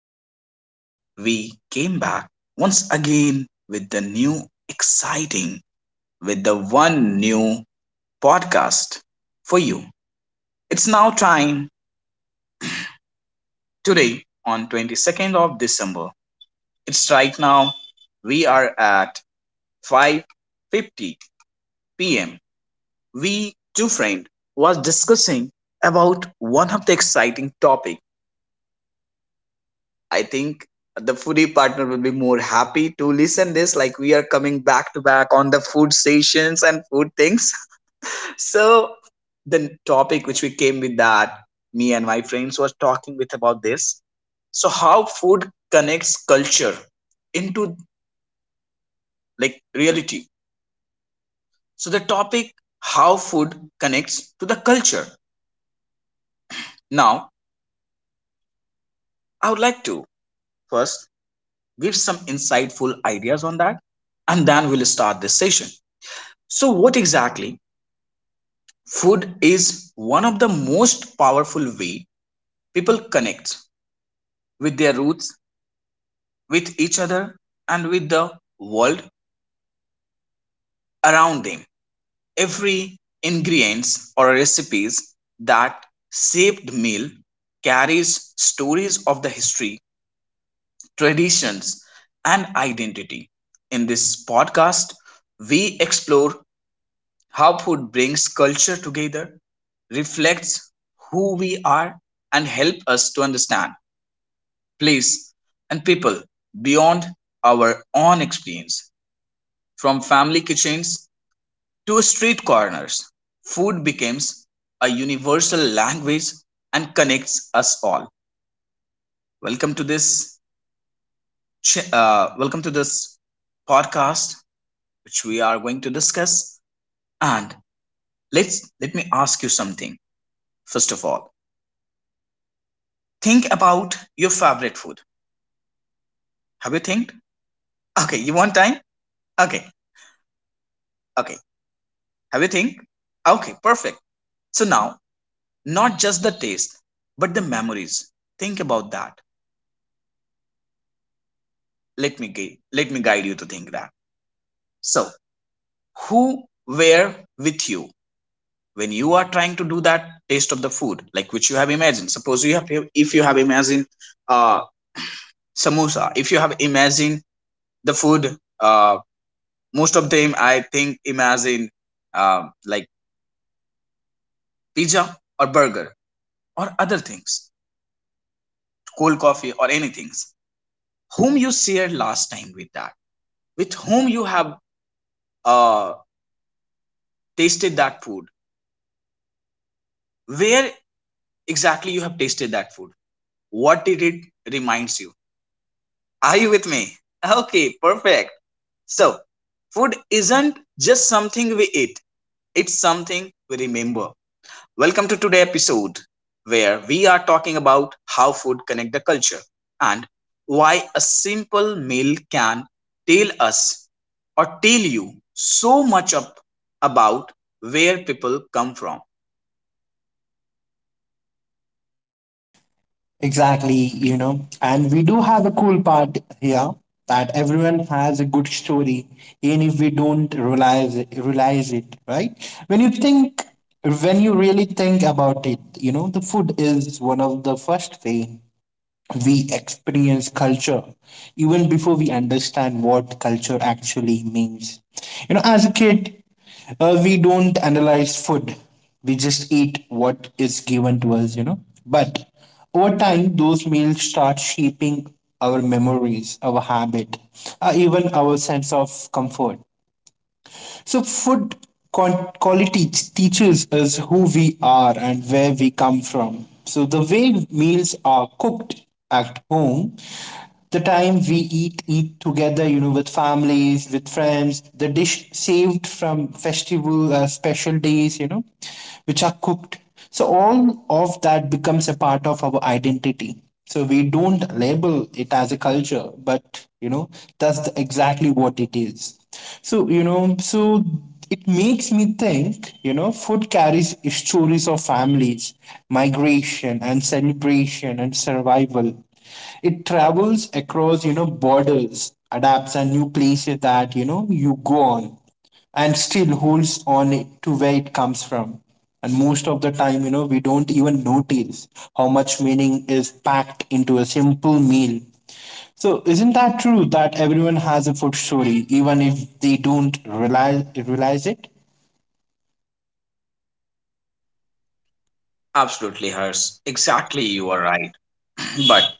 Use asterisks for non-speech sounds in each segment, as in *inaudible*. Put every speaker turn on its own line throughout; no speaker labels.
folks. We came back once again with the new exciting, with the one new podcast for you. It's now time today on 22nd of December. It's right now. We are at 5:50 p.m. We two friend was discussing about one of the exciting topic I think the foodie partner will be more happy to listen this like we are coming back to back on the food stations and food things. *laughs* So the topic which we came with that me and my friends was talking with about this. So how food connects culture into like reality. So the topic how food connects to the culture. Now I would like to first give some insightful ideas on that and then we'll start this session. So, what exactly food is one of the most powerful way people connect with their roots, with each other and with the world around them. Every ingredients or recipes that shaped meal carries stories of the history, traditions and identity. In this podcast, we explore how food brings culture together, reflects who we are and help us to understand place, and people beyond our own experience. From family kitchens to street corners, food becomes a universal language and connects us all. Welcome to this welcome to this podcast which we are going to discuss, and let's let me ask you something first of all. Think about your favorite food. Have you think? Okay, you want time? Okay. Okay. Have you think? Okay, perfect. So now, not just the taste but the memories, think about that. Let me guide you to think that. So who were with you when you are trying to do that taste of the food like which you have imagined? Suppose you have, if you have imagined, uh samosa, if you have imagined the food, most of them I think imagine, like pizza or burger or other things, cold coffee or anything. Whom you shared last time with that? With whom you have uh, tasted that food? Where exactly you have tasted that food? What did it reminds you? Are you with me? *laughs* Okay, perfect. So, food isn't just something we eat; it's something we remember. Welcome to today's episode, where we are talking about how food connect the culture and why a simple meal can tell us or tell you so much up about where people come from.
Exactly, you know. And we do have a cool part here that everyone has a good story, even if we don't realize it, right? When you think, when you really think about it, you know, the food is one of the first way we experience culture even before we understand what culture actually means. You know, as a kid, we don't analyze food, we just eat what is given to us, you know. But over time, those meals start shaping our memories, our habit, even our sense of comfort. So, food teaches us who we are and where we come from. So, the way meals are cooked at home, the time we eat together, you know, with families, with friends, the dish saved from festival, special days, you know, which are cooked so all of that becomes a part of our identity. So we don't label it as a culture, but you know, exactly what it is. So it makes me think, you know, food carries stories of families, migration and celebration and survival. It travels across, you know, borders, adapts and new places that, you know, you go on and still holds on it to where it comes from. And most of the time, you know, we don't even notice how much meaning is packed into a simple meal. So, isn't that true that everyone has a food story, even if they don't realize it?
Absolutely, Hers. Exactly, you are right. But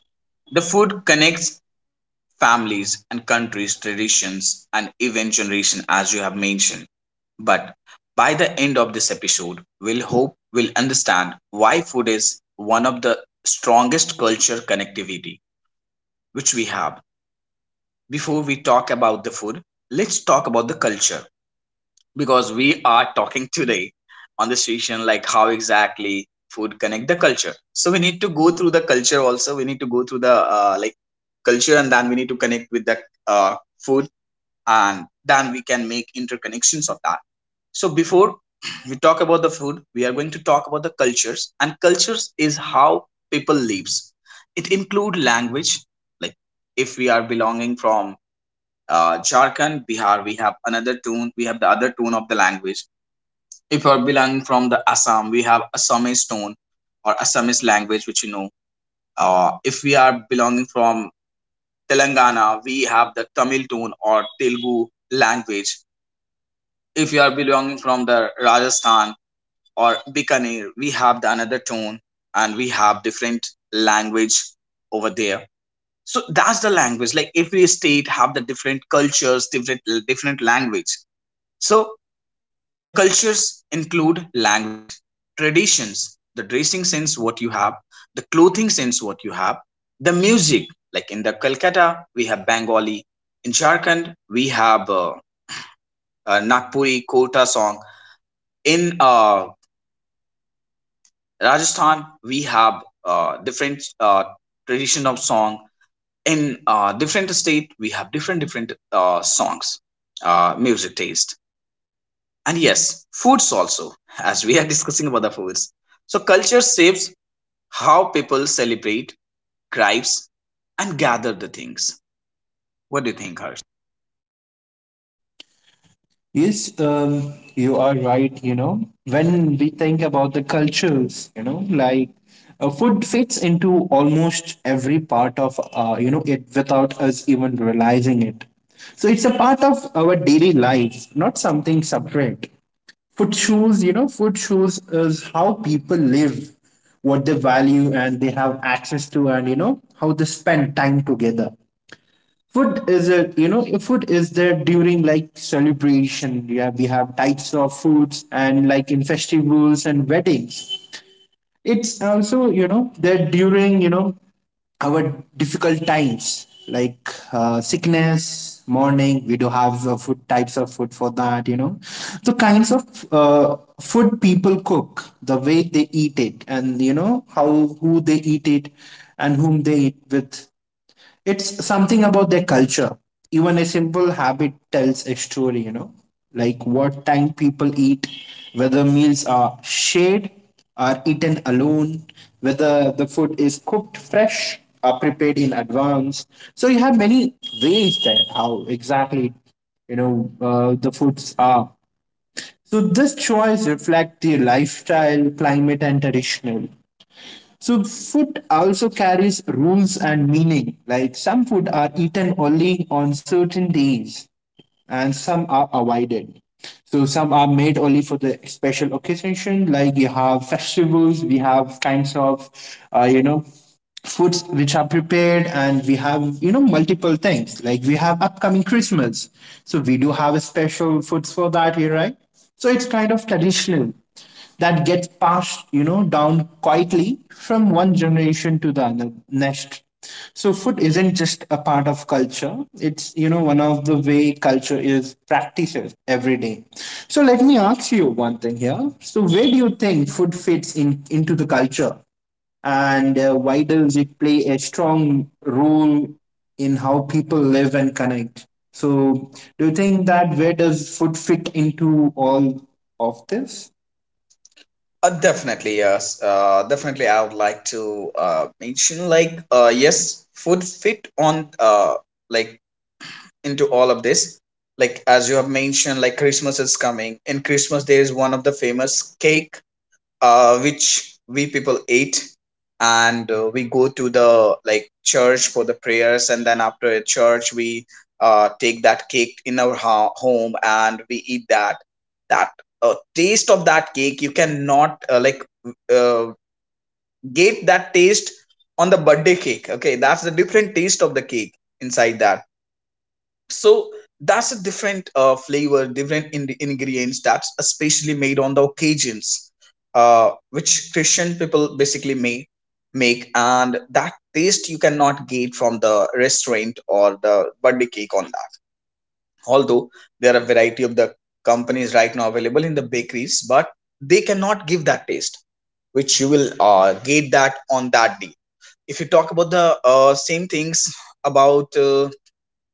the food connects families and countries, traditions, and even generation, as you have mentioned. But by the end of this episode, we'll hope we'll understand why food is one of the strongest culture connectivity which we have. Before we talk about the food, let's talk about the culture. Because we are talking today on the station like how exactly food connect the culture, so we need to go through the culture also. We need to go through the like culture and then we need to connect with the food, and then we can make interconnections of that. So before *clears throat* we talk about the food, we are going to talk about the cultures. And cultures is how people lives. It include language. Like if we are belonging from Jharkhand, Bihar, we have another tune, we have the other tone of the language. If you're belonging from the Assam, we have Assamese stone or Assamese language, which you know. If we are belonging from Telangana, we have the Tamil tone or Telugu language. If you are belonging from the Rajasthan or Bikaner, we have the another tone and we have different language over there. So that's the language. Like every state have the different cultures, different language. So the cultures include language, traditions, the dressing sense what you have, the clothing sense what you have, the music. Like in the Calcutta, we have Bengali. In Jharkhand, we have Nagpuri, Kota song. In Rajasthan, we have different tradition of song. In different state, we have different songs, music taste. And yes, foods also, as we are *laughs* discussing about the foods. So culture shapes how people celebrate, gripes and gather the things. What do you think, Harsh?
Yes, you are right. You know, when we think about the cultures, you know, like food fits into almost every part of, you know, it without us even realizing it. So it's a part of our daily life, not something separate. Food shows is how people live, what they value, and they have access to, and you know, how they spend time together. Food is it, you know, if food is there during like celebration, yeah, we have types of foods and like in festivals and weddings. It's also you know that during you know our difficult times like sickness, mourning, we do have food, types of food for that, you know, the kinds of food people cook, the way they eat it, and you know how who they eat it whom they eat with, it's something about their culture. Even a simple habit tells a story, you know, like what time people eat, whether meals are shared, are eaten alone, whether the food is cooked fresh, or prepared in advance. So you have many ways that how exactly you know the foods are, so this choice reflects the lifestyle, climate, and traditional. So food also carries rules and meaning. Like some food are eaten only on certain days and some are avoided. So some are made only for the special occasion, like you have festivals, we have kinds of, you know, foods which are prepared, and we have you know multiple things like we have upcoming Christmas, so we do have a special foods for that here, right? So it's kind of traditional that gets passed, you know, down quietly from one generation to the other next. So food isn't just a part of culture. It's, you know, one of the way culture is practiced every day. So let me ask you one thing here. So where do you think food fits in into the culture? And why does it play a strong role in how people live and connect? So do you think that where does food fit into all of this?
Definitely, yes. Definitely, I would like to mention like, yes, food fit on, uh, like, into all of this. Like as you have mentioned, like Christmas is coming. In Christmas, there is one of the famous cake, which we people ate, and we go to the like church for the prayers, and then after a church we take that cake in our home and we eat that. That taste of that cake, you cannot like uh, get that taste on the birthday cake. Okay, that's the different taste of the cake inside that. So that's a different flavor, different ingredients, that's especially made on the occasions which Christian people basically may make, and that taste you cannot get from the restaurant or the birthday cake on that. Although there are a variety of the companies right now available in the bakeries, but they cannot give that taste which you will get that on that day. If you talk about the same things about uh,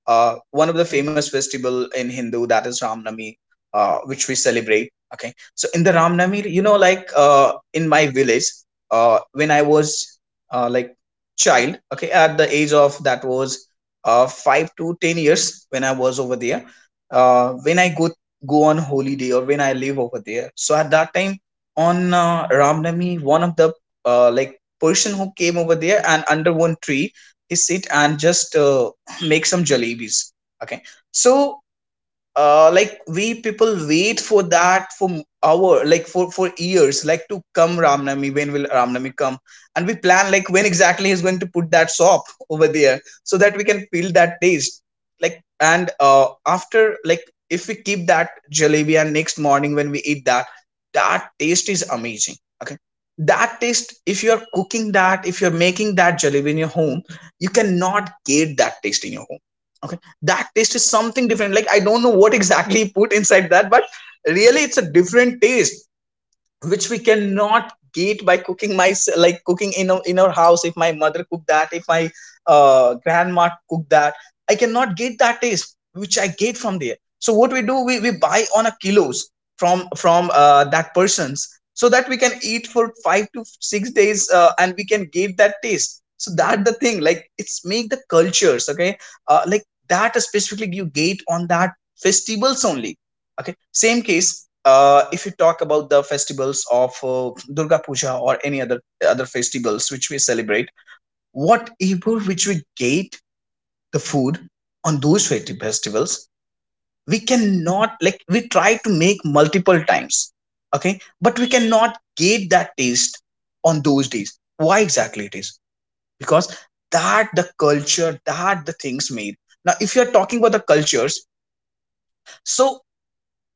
uh, one of the famous festival in Hindu, that is Ramnami, which we celebrate. Okay, so in the Ramnami, you know, like in my village, when I was like child, okay, at the age of that was 5 to 10 years when I was over there. When I go on holiday or when I live over there. So at that time on Ramnami, one of the like person who came over there, and under one tree, he sit and just make some jalebis. Okay, so like we people wait for that for hour, like for years, like, to come Ramnami, when will Ramnami come? And we plan like when exactly he's going to put that sop *laughs* over there, so that we can feel that taste. Like, and after, like, if we keep that jalebi and next morning when we eat that, that taste is amazing. Okay, that taste, if you're cooking that, if you're making that jalebi in your home, you cannot get that taste in your home. Okay, that taste is something different. Like, I don't know what exactly he put inside that, but really it's a different taste, which we cannot get by cooking my like cooking in our house. If my mother cooked that, if my grandma cooked that, I cannot get that taste which I get from there. So what we do, we buy on a kilos from that person's, so that we can eat for 5 to 6 days, and we can get that taste. So that the thing, like, it's make the cultures. Okay, like that, specifically you get on that festivals only. Okay, same case. If you talk about the festivals of Durga Puja or any other festivals which we celebrate, whatever which we get the food on those festivals, we cannot, like, we try to make multiple times, okay, but we cannot get that taste on those days. Why exactly it is? Because that the culture, that the things made. Now, if you are talking about the cultures, so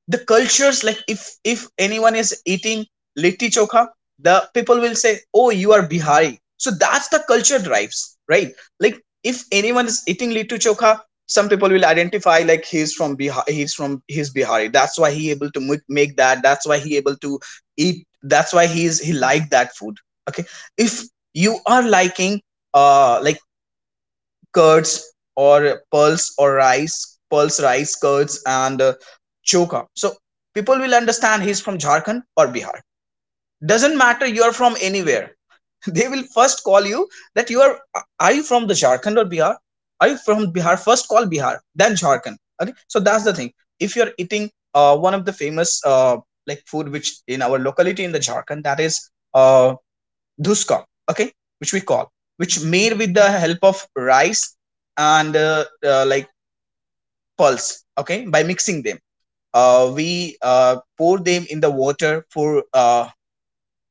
the cultures, like, if anyone is eating litti chokha, the people will say, oh, you are Bihari. So that's the culture drives, right? Like if anyone is eating litti chokha, some people will identify, like, he's from Bihar, he's Bihari. That's why he able to make that, that's why he able to eat, that's why he like that food. Okay, if you are liking like curds or pulse or rice, pulse rice curds and choka. So people will understand he's from Jharkhand or Bihar. Doesn't matter you are from anywhere. *laughs* They will first call you that you are you from the Jharkhand or Bihar? Are you from Bihar? First call Bihar, then Jharkhand. Okay, so that's the thing. If you're eating one of the famous like food which in our locality in the Jharkhand, that is uh, duskon, okay, which we call, which made with the help of rice and like pulse, okay, by mixing them. We pour them in the water for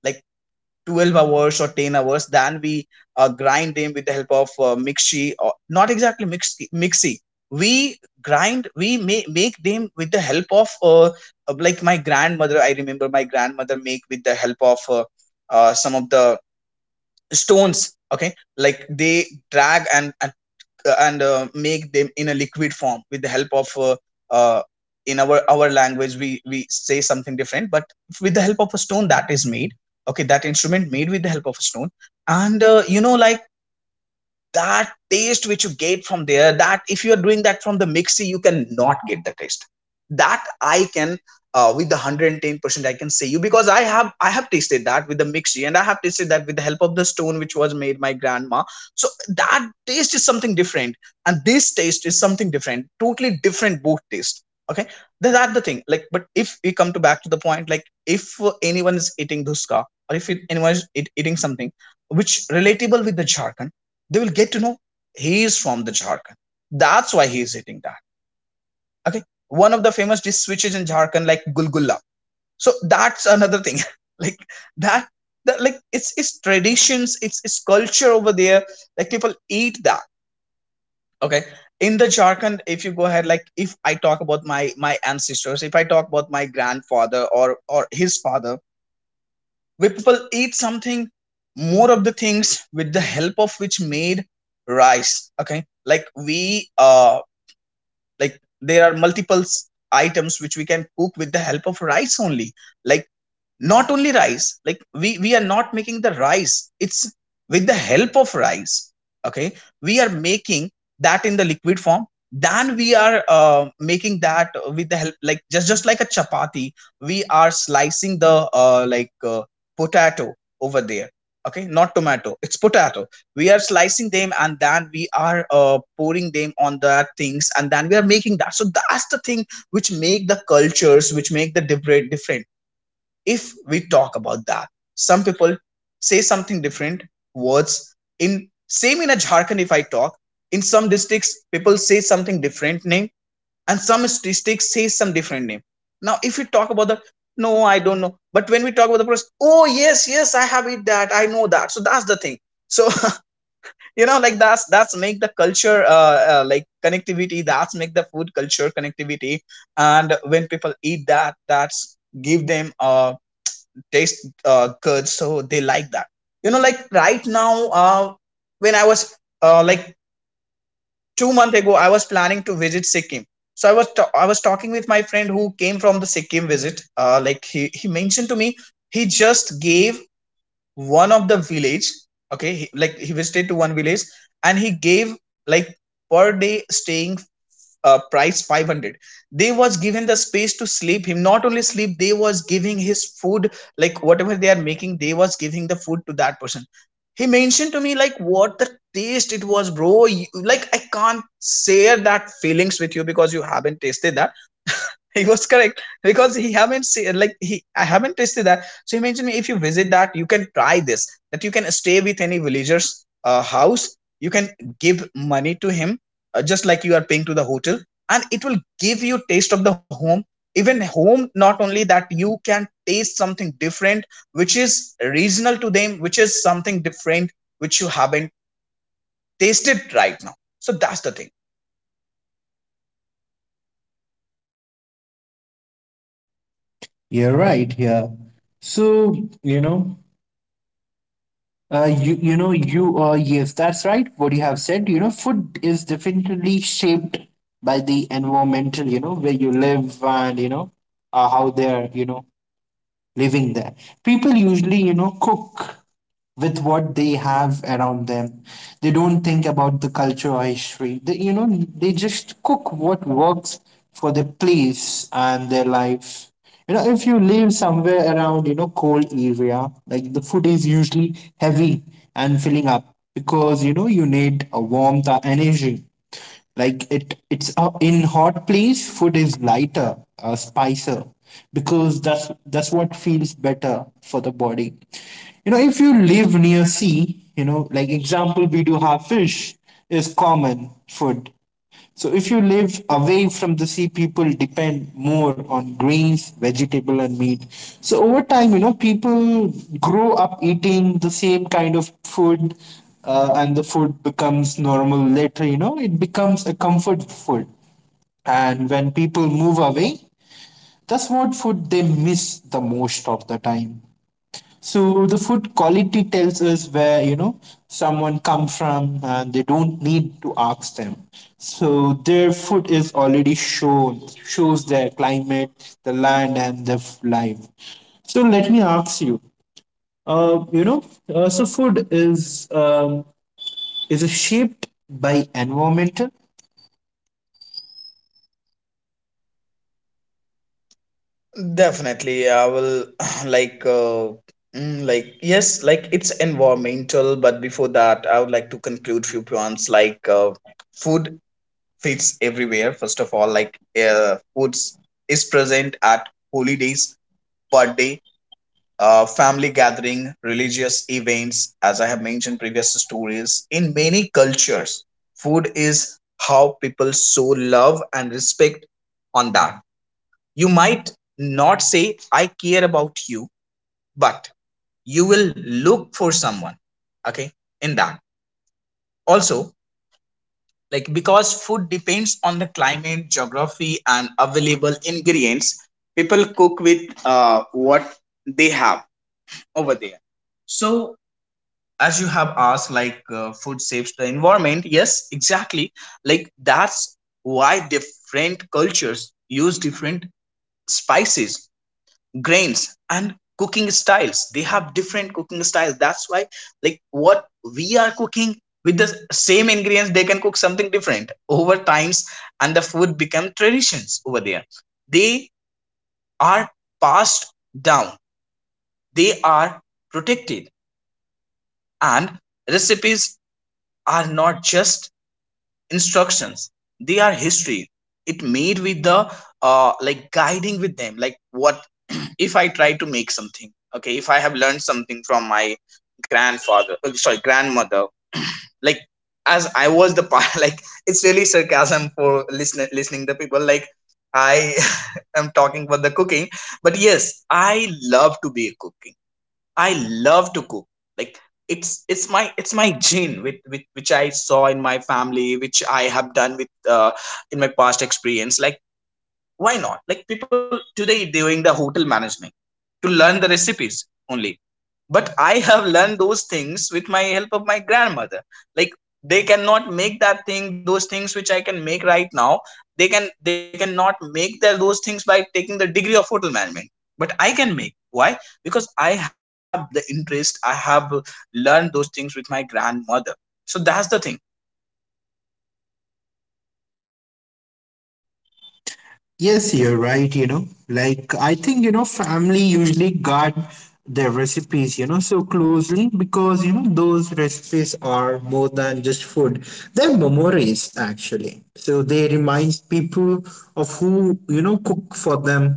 like 12 hours or 10 hours, then we grind them with the help of mixi, or not exactly mixi, mixie. We grind, we make them with the help of like my grandmother. I remember my grandmother make with the help of some of the stones. Okay, like they drag and make them in a liquid form with the help of uh, in our language we say something different, but with the help of a stone that is made. Okay, that instrument made with the help of a stone. And you know, like that taste which you get from there, that if you are doing that from the mixie, you cannot get the taste. That I can, with the 110% I can say you, because I have tasted that with the mixie, and I have tasted that with the help of the stone which was made my grandma. So that taste is something different, and this taste is something different, totally different, both taste. Okay. That's the thing, like, but if we come to back to the point, like if anyone is eating dhuska, or if anyone is eating something which relatable with the Jharkhand, they will get to know he is from the Jharkhand. That's why he is eating that. Okay. One of the famous dish switches in Jharkhand, like gulgulla. So that's another thing. *laughs* Like that, that like it's traditions, it's culture over there. Like people eat that. Okay. In the Jharkhand, if you go ahead, like if I talk about my ancestors, if I talk about my grandfather or his father, where people eat something, more of the things with the help of which made rice. Okay, like we like, there are multiple items which we can cook with the help of rice only. Like, not only rice, like we are not making the rice, it's with the help of rice. Okay, we are making that in the liquid form, then we are making that with the help, like just like a chapati. We are slicing the potato over there. Okay, not tomato, it's potato. We are slicing them, and then we are pouring them on the things, and then we are making that. So that's the thing which make the cultures, which make the different different. If we talk about that, some people say something different words in same in a Jharkhand. If I talk, in some districts people say something different name, and some districts say some different name. Now if we talk about the, no, I don't know, but when we talk about the process, oh yes, yes, I have it, that I know that. So that's the thing. So *laughs* you know, like that's make the culture like connectivity, that's make the food culture connectivity. And when people eat that, that's give them a taste, curds, so they like that. You know, like right now, uh, when I was like 2 month ago, I was planning to visit Sikkim. So I was I was talking with my friend who came from the Sikkim visit. Like he mentioned to me, he just gave one of the village. Okay, like he visited to one village, and he gave, like, per day staying price 500. They was given the space to sleep him, not only sleep, they was giving his food. Like whatever they are making, they was giving the food to that person. He mentioned to me, like, what the taste it was, bro. Like, I can't share that feelings with you because you haven't tasted that. *laughs* He was correct, because he haven't seen, like he, I haven't tasted that. So imagine me, if you visit that, you can try this. That you can stay with any villager's house. You can give money to him, just like you are paying to the hotel, and it will give you taste of the home. Even home, not only that, you can taste something different, which is regional to them, which is something different which you haven't tasted right now. So that's the thing.
You're right. Yeah. So, you know, you you know you yes, that's right. What you have said, you know, food is definitely shaped by the environmental, you know, where you live and you know, how they're, you know, living there. People usually, you know, cook with what they have around them. They don't think about the culture or history. They, you know, they just cook what works for their place and their life. You know, if you live somewhere around, you know, cold area, like the food is usually heavy and filling up because, you know, you need a warmth or energy. Like it it's in hot place food is lighter, spicier because that's what feels better for the body. You know, if you live near sea, you know, like example, we do have fish is common food. So if you live away from the sea, people depend more on grains, vegetable, and meat. So over time, you know, people grow up eating the same kind of food, and the food becomes normal later. You know, it becomes a comfort food. And when people move away, that's what food they miss the most of the time. So the food quality tells us where you know someone come from, and they don't need to ask them. So their food is already shown shows their climate, the land, and the life. So let me ask you. You know, so food is shaped by environmental.
Definitely, I will *clears throat* *sighs* like like yes, like it's environmental, but before that, I would like to conclude few points like food fits everywhere. First of all, like foods is present at holidays, birthday, family gathering, religious events. As I have mentioned previous stories, in many cultures, food is how people show love and respect on that. You might not say, I care about you, but you will look for someone, okay, in that. Also, like, because food depends on the climate, geography, and available ingredients, people cook with what they have over there. So, as you have asked, like food saves the environment, yes, exactly. Like that's why different cultures use different spices, grains, and cooking styles. They have different cooking styles. That's why, like, what we are cooking with the same ingredients, they can cook something different over times, and the food become traditions over there. They are passed down, they are protected, and recipes are not just instructions, they are history. It made with the like guiding with them, like what if I try to make something. Okay, if I have learned something from my grandfather, sorry, grandmother. *clears throat* Like, as I was the part. *laughs* Like, it's really sarcasm for listening the people, like I *laughs* am talking for the cooking, but yes, I love to be cooking. I love to cook. Like, it's my, it's my gene with which I saw in my family, which I have done with in my past experience. Like, why not, like people today doing the hotel management to learn the recipes only, but I have learned those things with my help of my grandmother. Like, they cannot make that thing, those things which I can make right now. They can, they cannot make their, those things by taking the degree of hotel management. But I can make, why? Because I have the interest, I have learned those things with my grandmother. So that's the thing.
Yes, you're right, you know. Like I think, you know, family usually guard their recipes, you know, so closely because, you know, those recipes are more than just food. They're memories actually. So they remind people of who, you know, cooked for them,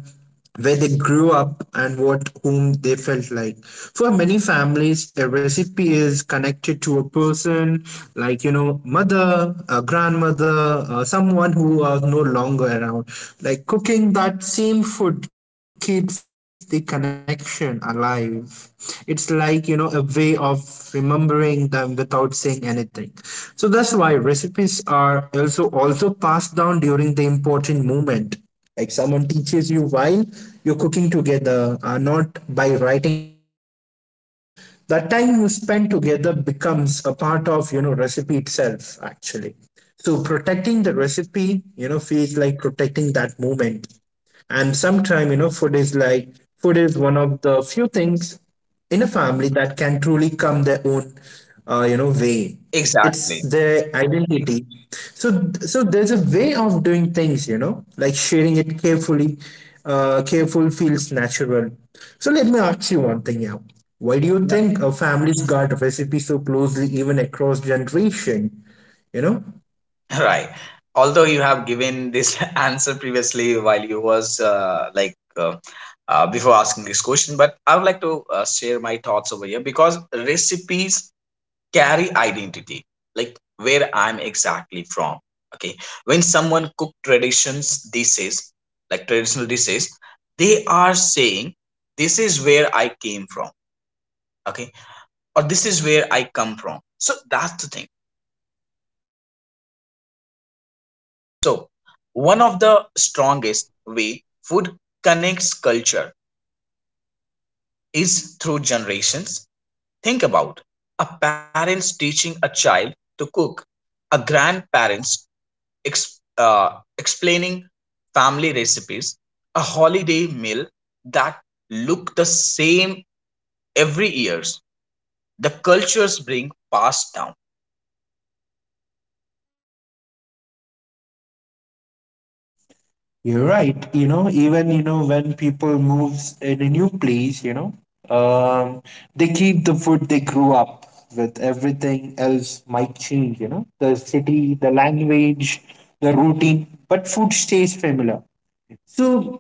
where they grew up, and what whom they felt like. For many families a recipe is connected to a person, like you know mother, a grandmother, someone who are no longer around. Like cooking that same food keeps the connection alive. It's like you know a way of remembering them without saying anything. So that's why recipes are also passed down during the important moment, like someone teaches you while you're cooking together, not by writing it down. That time you spend together becomes a part of you know recipe itself actually. So protecting the recipe, you know, feels like protecting that moment. And sometimes you know food is one of the few things in a family that can truly come their own you know way. It's their
Exactly.
identity. So there's a way of doing things, you know, like sharing it carefully. Careful feels natural. So let me ask you one thing now, why do you think families guard recipes so closely even across generation, you know?
*laughs* Right. Although you have given this *laughs* answer previously while you was before asking this question, but I would like to share my thoughts over here, because recipes carry identity, like where I'm exactly from. Okay, when someone cook traditions dishes, like traditional dishes, they are saying this is where I came from. Okay, or this is where I come from. So that's the thing. So, one of the strongest way food connects culture is through generations. Think about a parents teaching a child to cook, a grandparents explaining family recipes, a holiday meal that look the same every years. The cultures bring passed down.
You're right. You know, even you know when people moves in a new place, you know, um, they keep the food they grew up with. Everything else might change. You know, the city, the language, the routine, but food stays familiar. So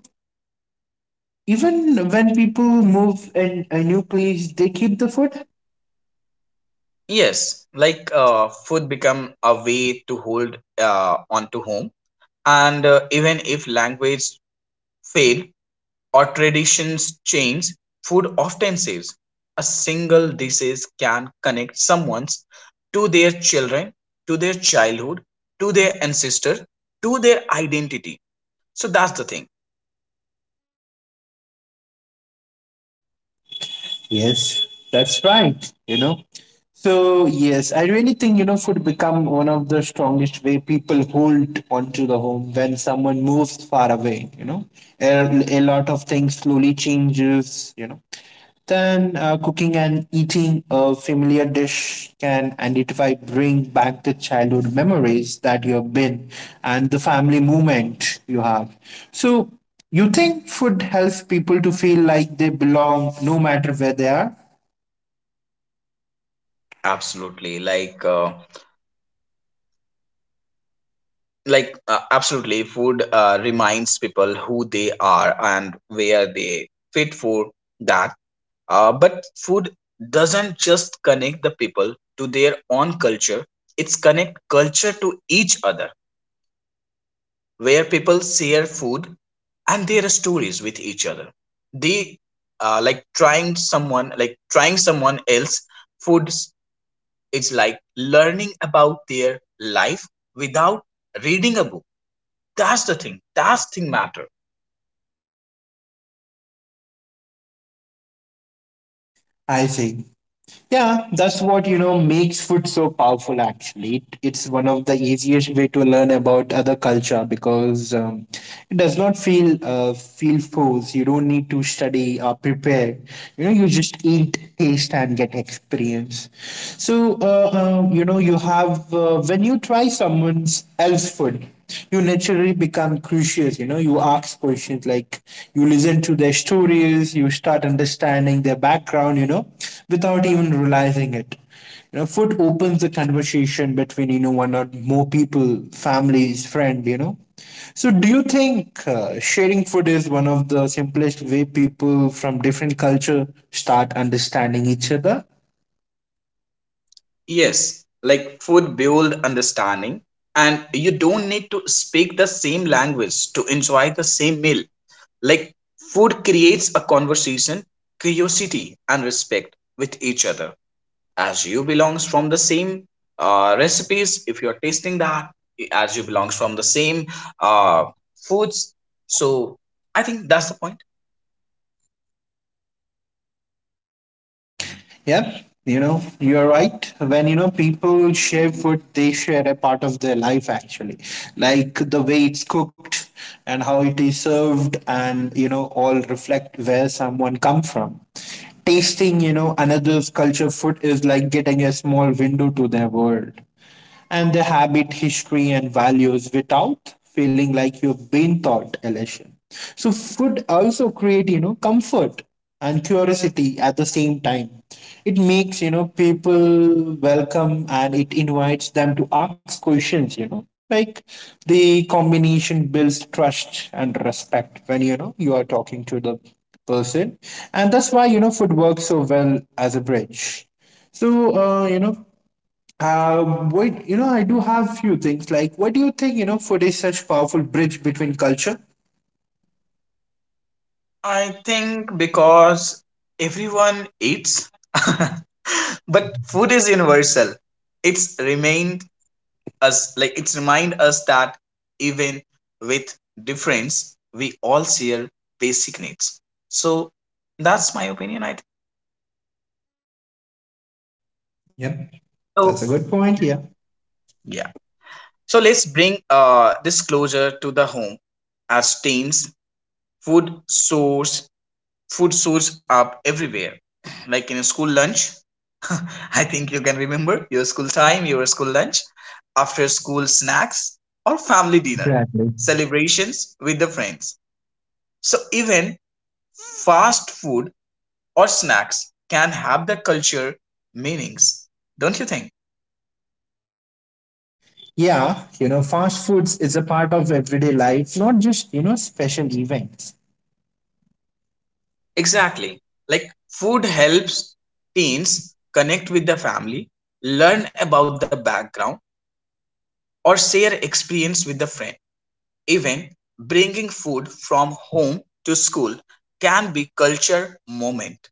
even when people move in a new place, they keep the food.
Yes, like food become a way to hold onto home. And even if language fail or traditions change, food often saves. A single disease can connect someone to their children, to their childhood, to their ancestor, to their identity. So that's the thing.
Yes, that's right. You know, so yes, I really think you know food become one of the strongest way people hold onto the home when someone moves far away. You know, a lot of things slowly changes. You know, then cooking and eating a familiar dish can identify, bring back the childhood memories that you have been and the family movement you have. So, you think food helps people to feel like they belong no matter where they are?
Absolutely, like absolutely, food reminds people who they are and where they fit for that. But food doesn't just connect the people to their own culture, it's connect culture to each other, where people share food and their stories with each other. They like trying someone else food is like learning about their life without reading a book. That's the thing. That's thing matter.
I think. Yeah, that's what you know makes food so powerful. Actually, it's one of the easiest way to learn about other culture because it does not feel feel forced. You don't need to study or prepare. You know, you just eat, taste, and get experience. So you know, you have when you try someone's else food, you naturally become curious, you know, you ask questions like you listen to their stories, you start understanding their background, you know, without even realizing it, you know, food opens the conversation between you know one or more people, families, friend, you know. So do you think sharing food is one of the simplest way people from different culture start understanding each other?
Yes, like food build understanding, and you don't need to speak the same language to enjoy the same meal. Like, food creates a conversation, curiosity, and respect with each other. As you belongs from the same recipes, if you're tasting that, as you belongs from the same uh, foods, so I think that's the point.
Yep, you know, you're right. When you know people share food, they share a part of their life actually, like the way it's cooked and how it is served, and you know, all reflect where someone come from. Tasting, you know, another's culture food is like getting a small window to their world and the habit, history, and values without feeling like you've been taught a. So food also create, you know, comfort and curiosity at the same time. It makes, you know, people welcome and it invites them to ask questions, you know, like the combination builds trust and respect when, you know, you are talking to the person. And that's why, you know, food works so well as a bridge. So, you know, what you know, I do have few things like what do you think? You know, food is such powerful bridge between culture.
I think because everyone eats. *laughs* But food is universal. It's remained us, like it's remind us that even with difference, we all share basic needs. So that's my opinion, I think.
Yep, that's a
So,
good point. Yeah.
yeah. So let's bring this closer to the home. As teens, food source food source up everywhere. *clears throat* Like in a school lunch, I think you can remember your school time, your school lunch, after school snacks, or family dinner,
Exactly.
celebrations with the friends. So, even fast food or snacks can have the culture meanings, don't you think?
Yeah, you know, fast foods is a part of everyday life, not just, you know, special events.
Exactly. Like, food helps teens connect with the family, learn about the background, or share experience with the friend. Even bringing food from home to school can be culture moment.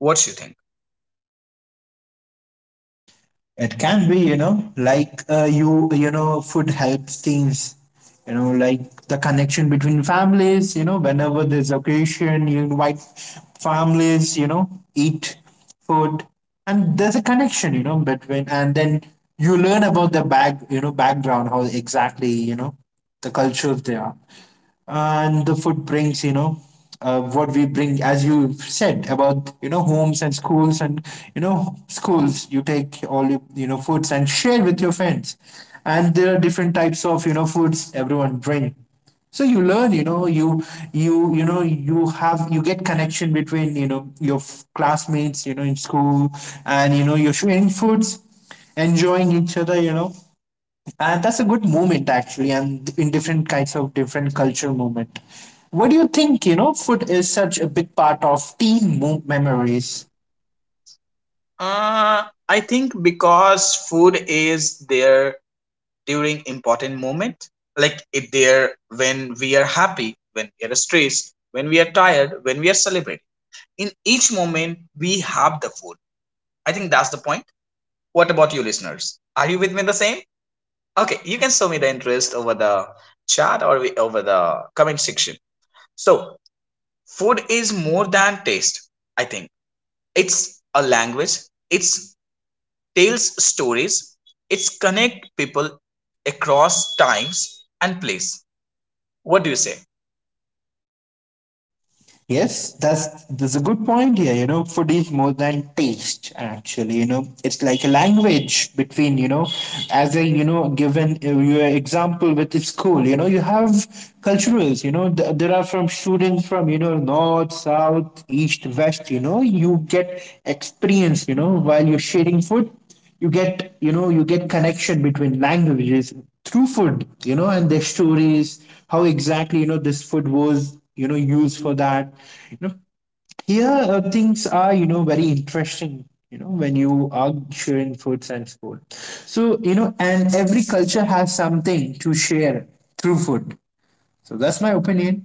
What you think?
It can be, you know, like you, you know, food helps things, you know, like the connection between families, you know, whenever there's occasion, you invite families, you know, eat food, and there's a connection, you know, between, and then you learn about the back, you know, background, how exactly, you know, the cultures they are, and the food brings you know what we bring as you said about you know homes and schools, and you know schools you take all your you know foods and share with your friends, and there are different types of you know foods everyone bring, so you learn, you know, you have you get connection between you know your classmates, you know, in school, and you know you're sharing foods, enjoying each other, you know, and that's a good movement actually, and in different kinds of different culture movement. What do you think, you know, food is such a big part of teen memories?
I think because food is there during important moment, like it there when we are happy, when we are stressed, when we are tired, when we are celebrating. In each moment, we have the food. I think that's the point. What about you, listeners? Are you with me the same? Okay, you can show me the interest over the chat, or over the comment section. So, food is more than taste. I think it's a language. It's tells stories. It's connect people across times and place. What do you say?
Yes, that's a good point here. You know, food is more than taste, actually. You know, it's like a language between, you know, as a, you know, given your example with the school, you know, you have culturals, you know, there are from students from, you know, north, south, east, west, you know, you get experience, you know, while you're sharing food, you get you know you get connection between languages through food, you know, and their stories how exactly you know this food was you know used for that, you know. Here things are you know very interesting, you know, when you are sharing foods and food. So you know and every culture has something to share through food. So that's my opinion.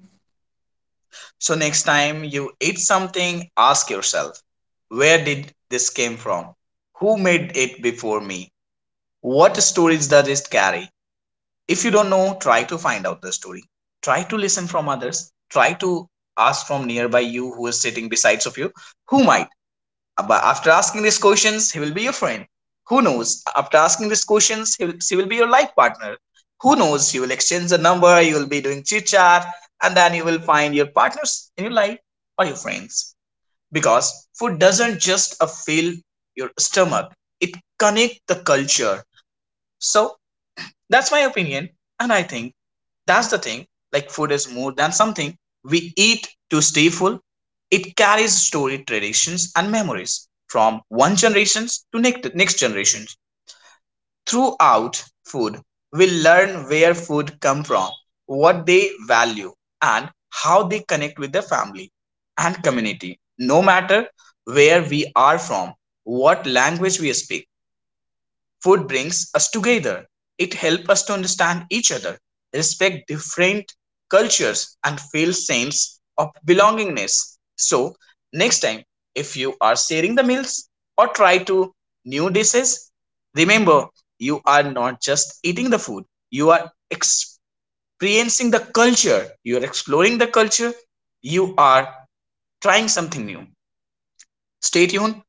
So next time you eat something, ask yourself, where did this came from? Who made it before me? What stories does it carry? If you don't know, try to find out the story. Try to listen from others. Try to ask from nearby you who is sitting besides of you, who might. But after asking these questions, he will be your friend. Who knows? After asking these questions, she will be your life partner. Who knows? You will exchange the number, you will be doing chit chat, and then you will find your partners in your life or your friends. Because food doesn't just fill your stomach, it connects the culture. So that's my opinion, and I think that's the thing. Like, food is more than something we eat to stay full. It carries story, traditions, and memories from one generation to next generation. Throughout food, we learn where food come from, what they value, and how they connect with their family and community. No matter where we are from, what language we speak, food brings us together. It helps us to understand each other, respect different cultures, and feel sense of belongingness. So, next time, if you are sharing the meals or try to new dishes, remember, you are not just eating the food, you are experiencing the culture, you are exploring the culture, you are trying something new. Stay tuned.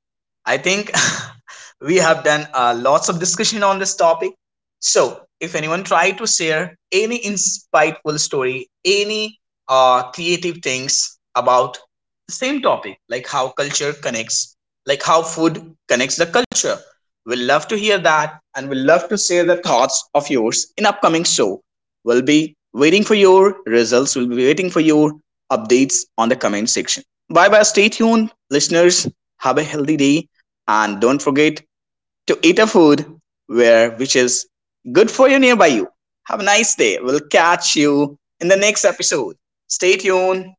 I think *laughs* we have done lots of discussion on this topic. So, if anyone try to share any insightful story, any creative things about the same topic, like how culture connects, like how food connects the culture, we'll love to hear that, and we'll love to share the thoughts of yours in upcoming show. We'll be waiting for your results. We'll be waiting for your updates on the comment section. Bye bye. Stay tuned, listeners, have a healthy day, and don't forget to eat a food where which is good for you nearby you. Have a nice day. We'll catch you in the next episode. Stay tuned.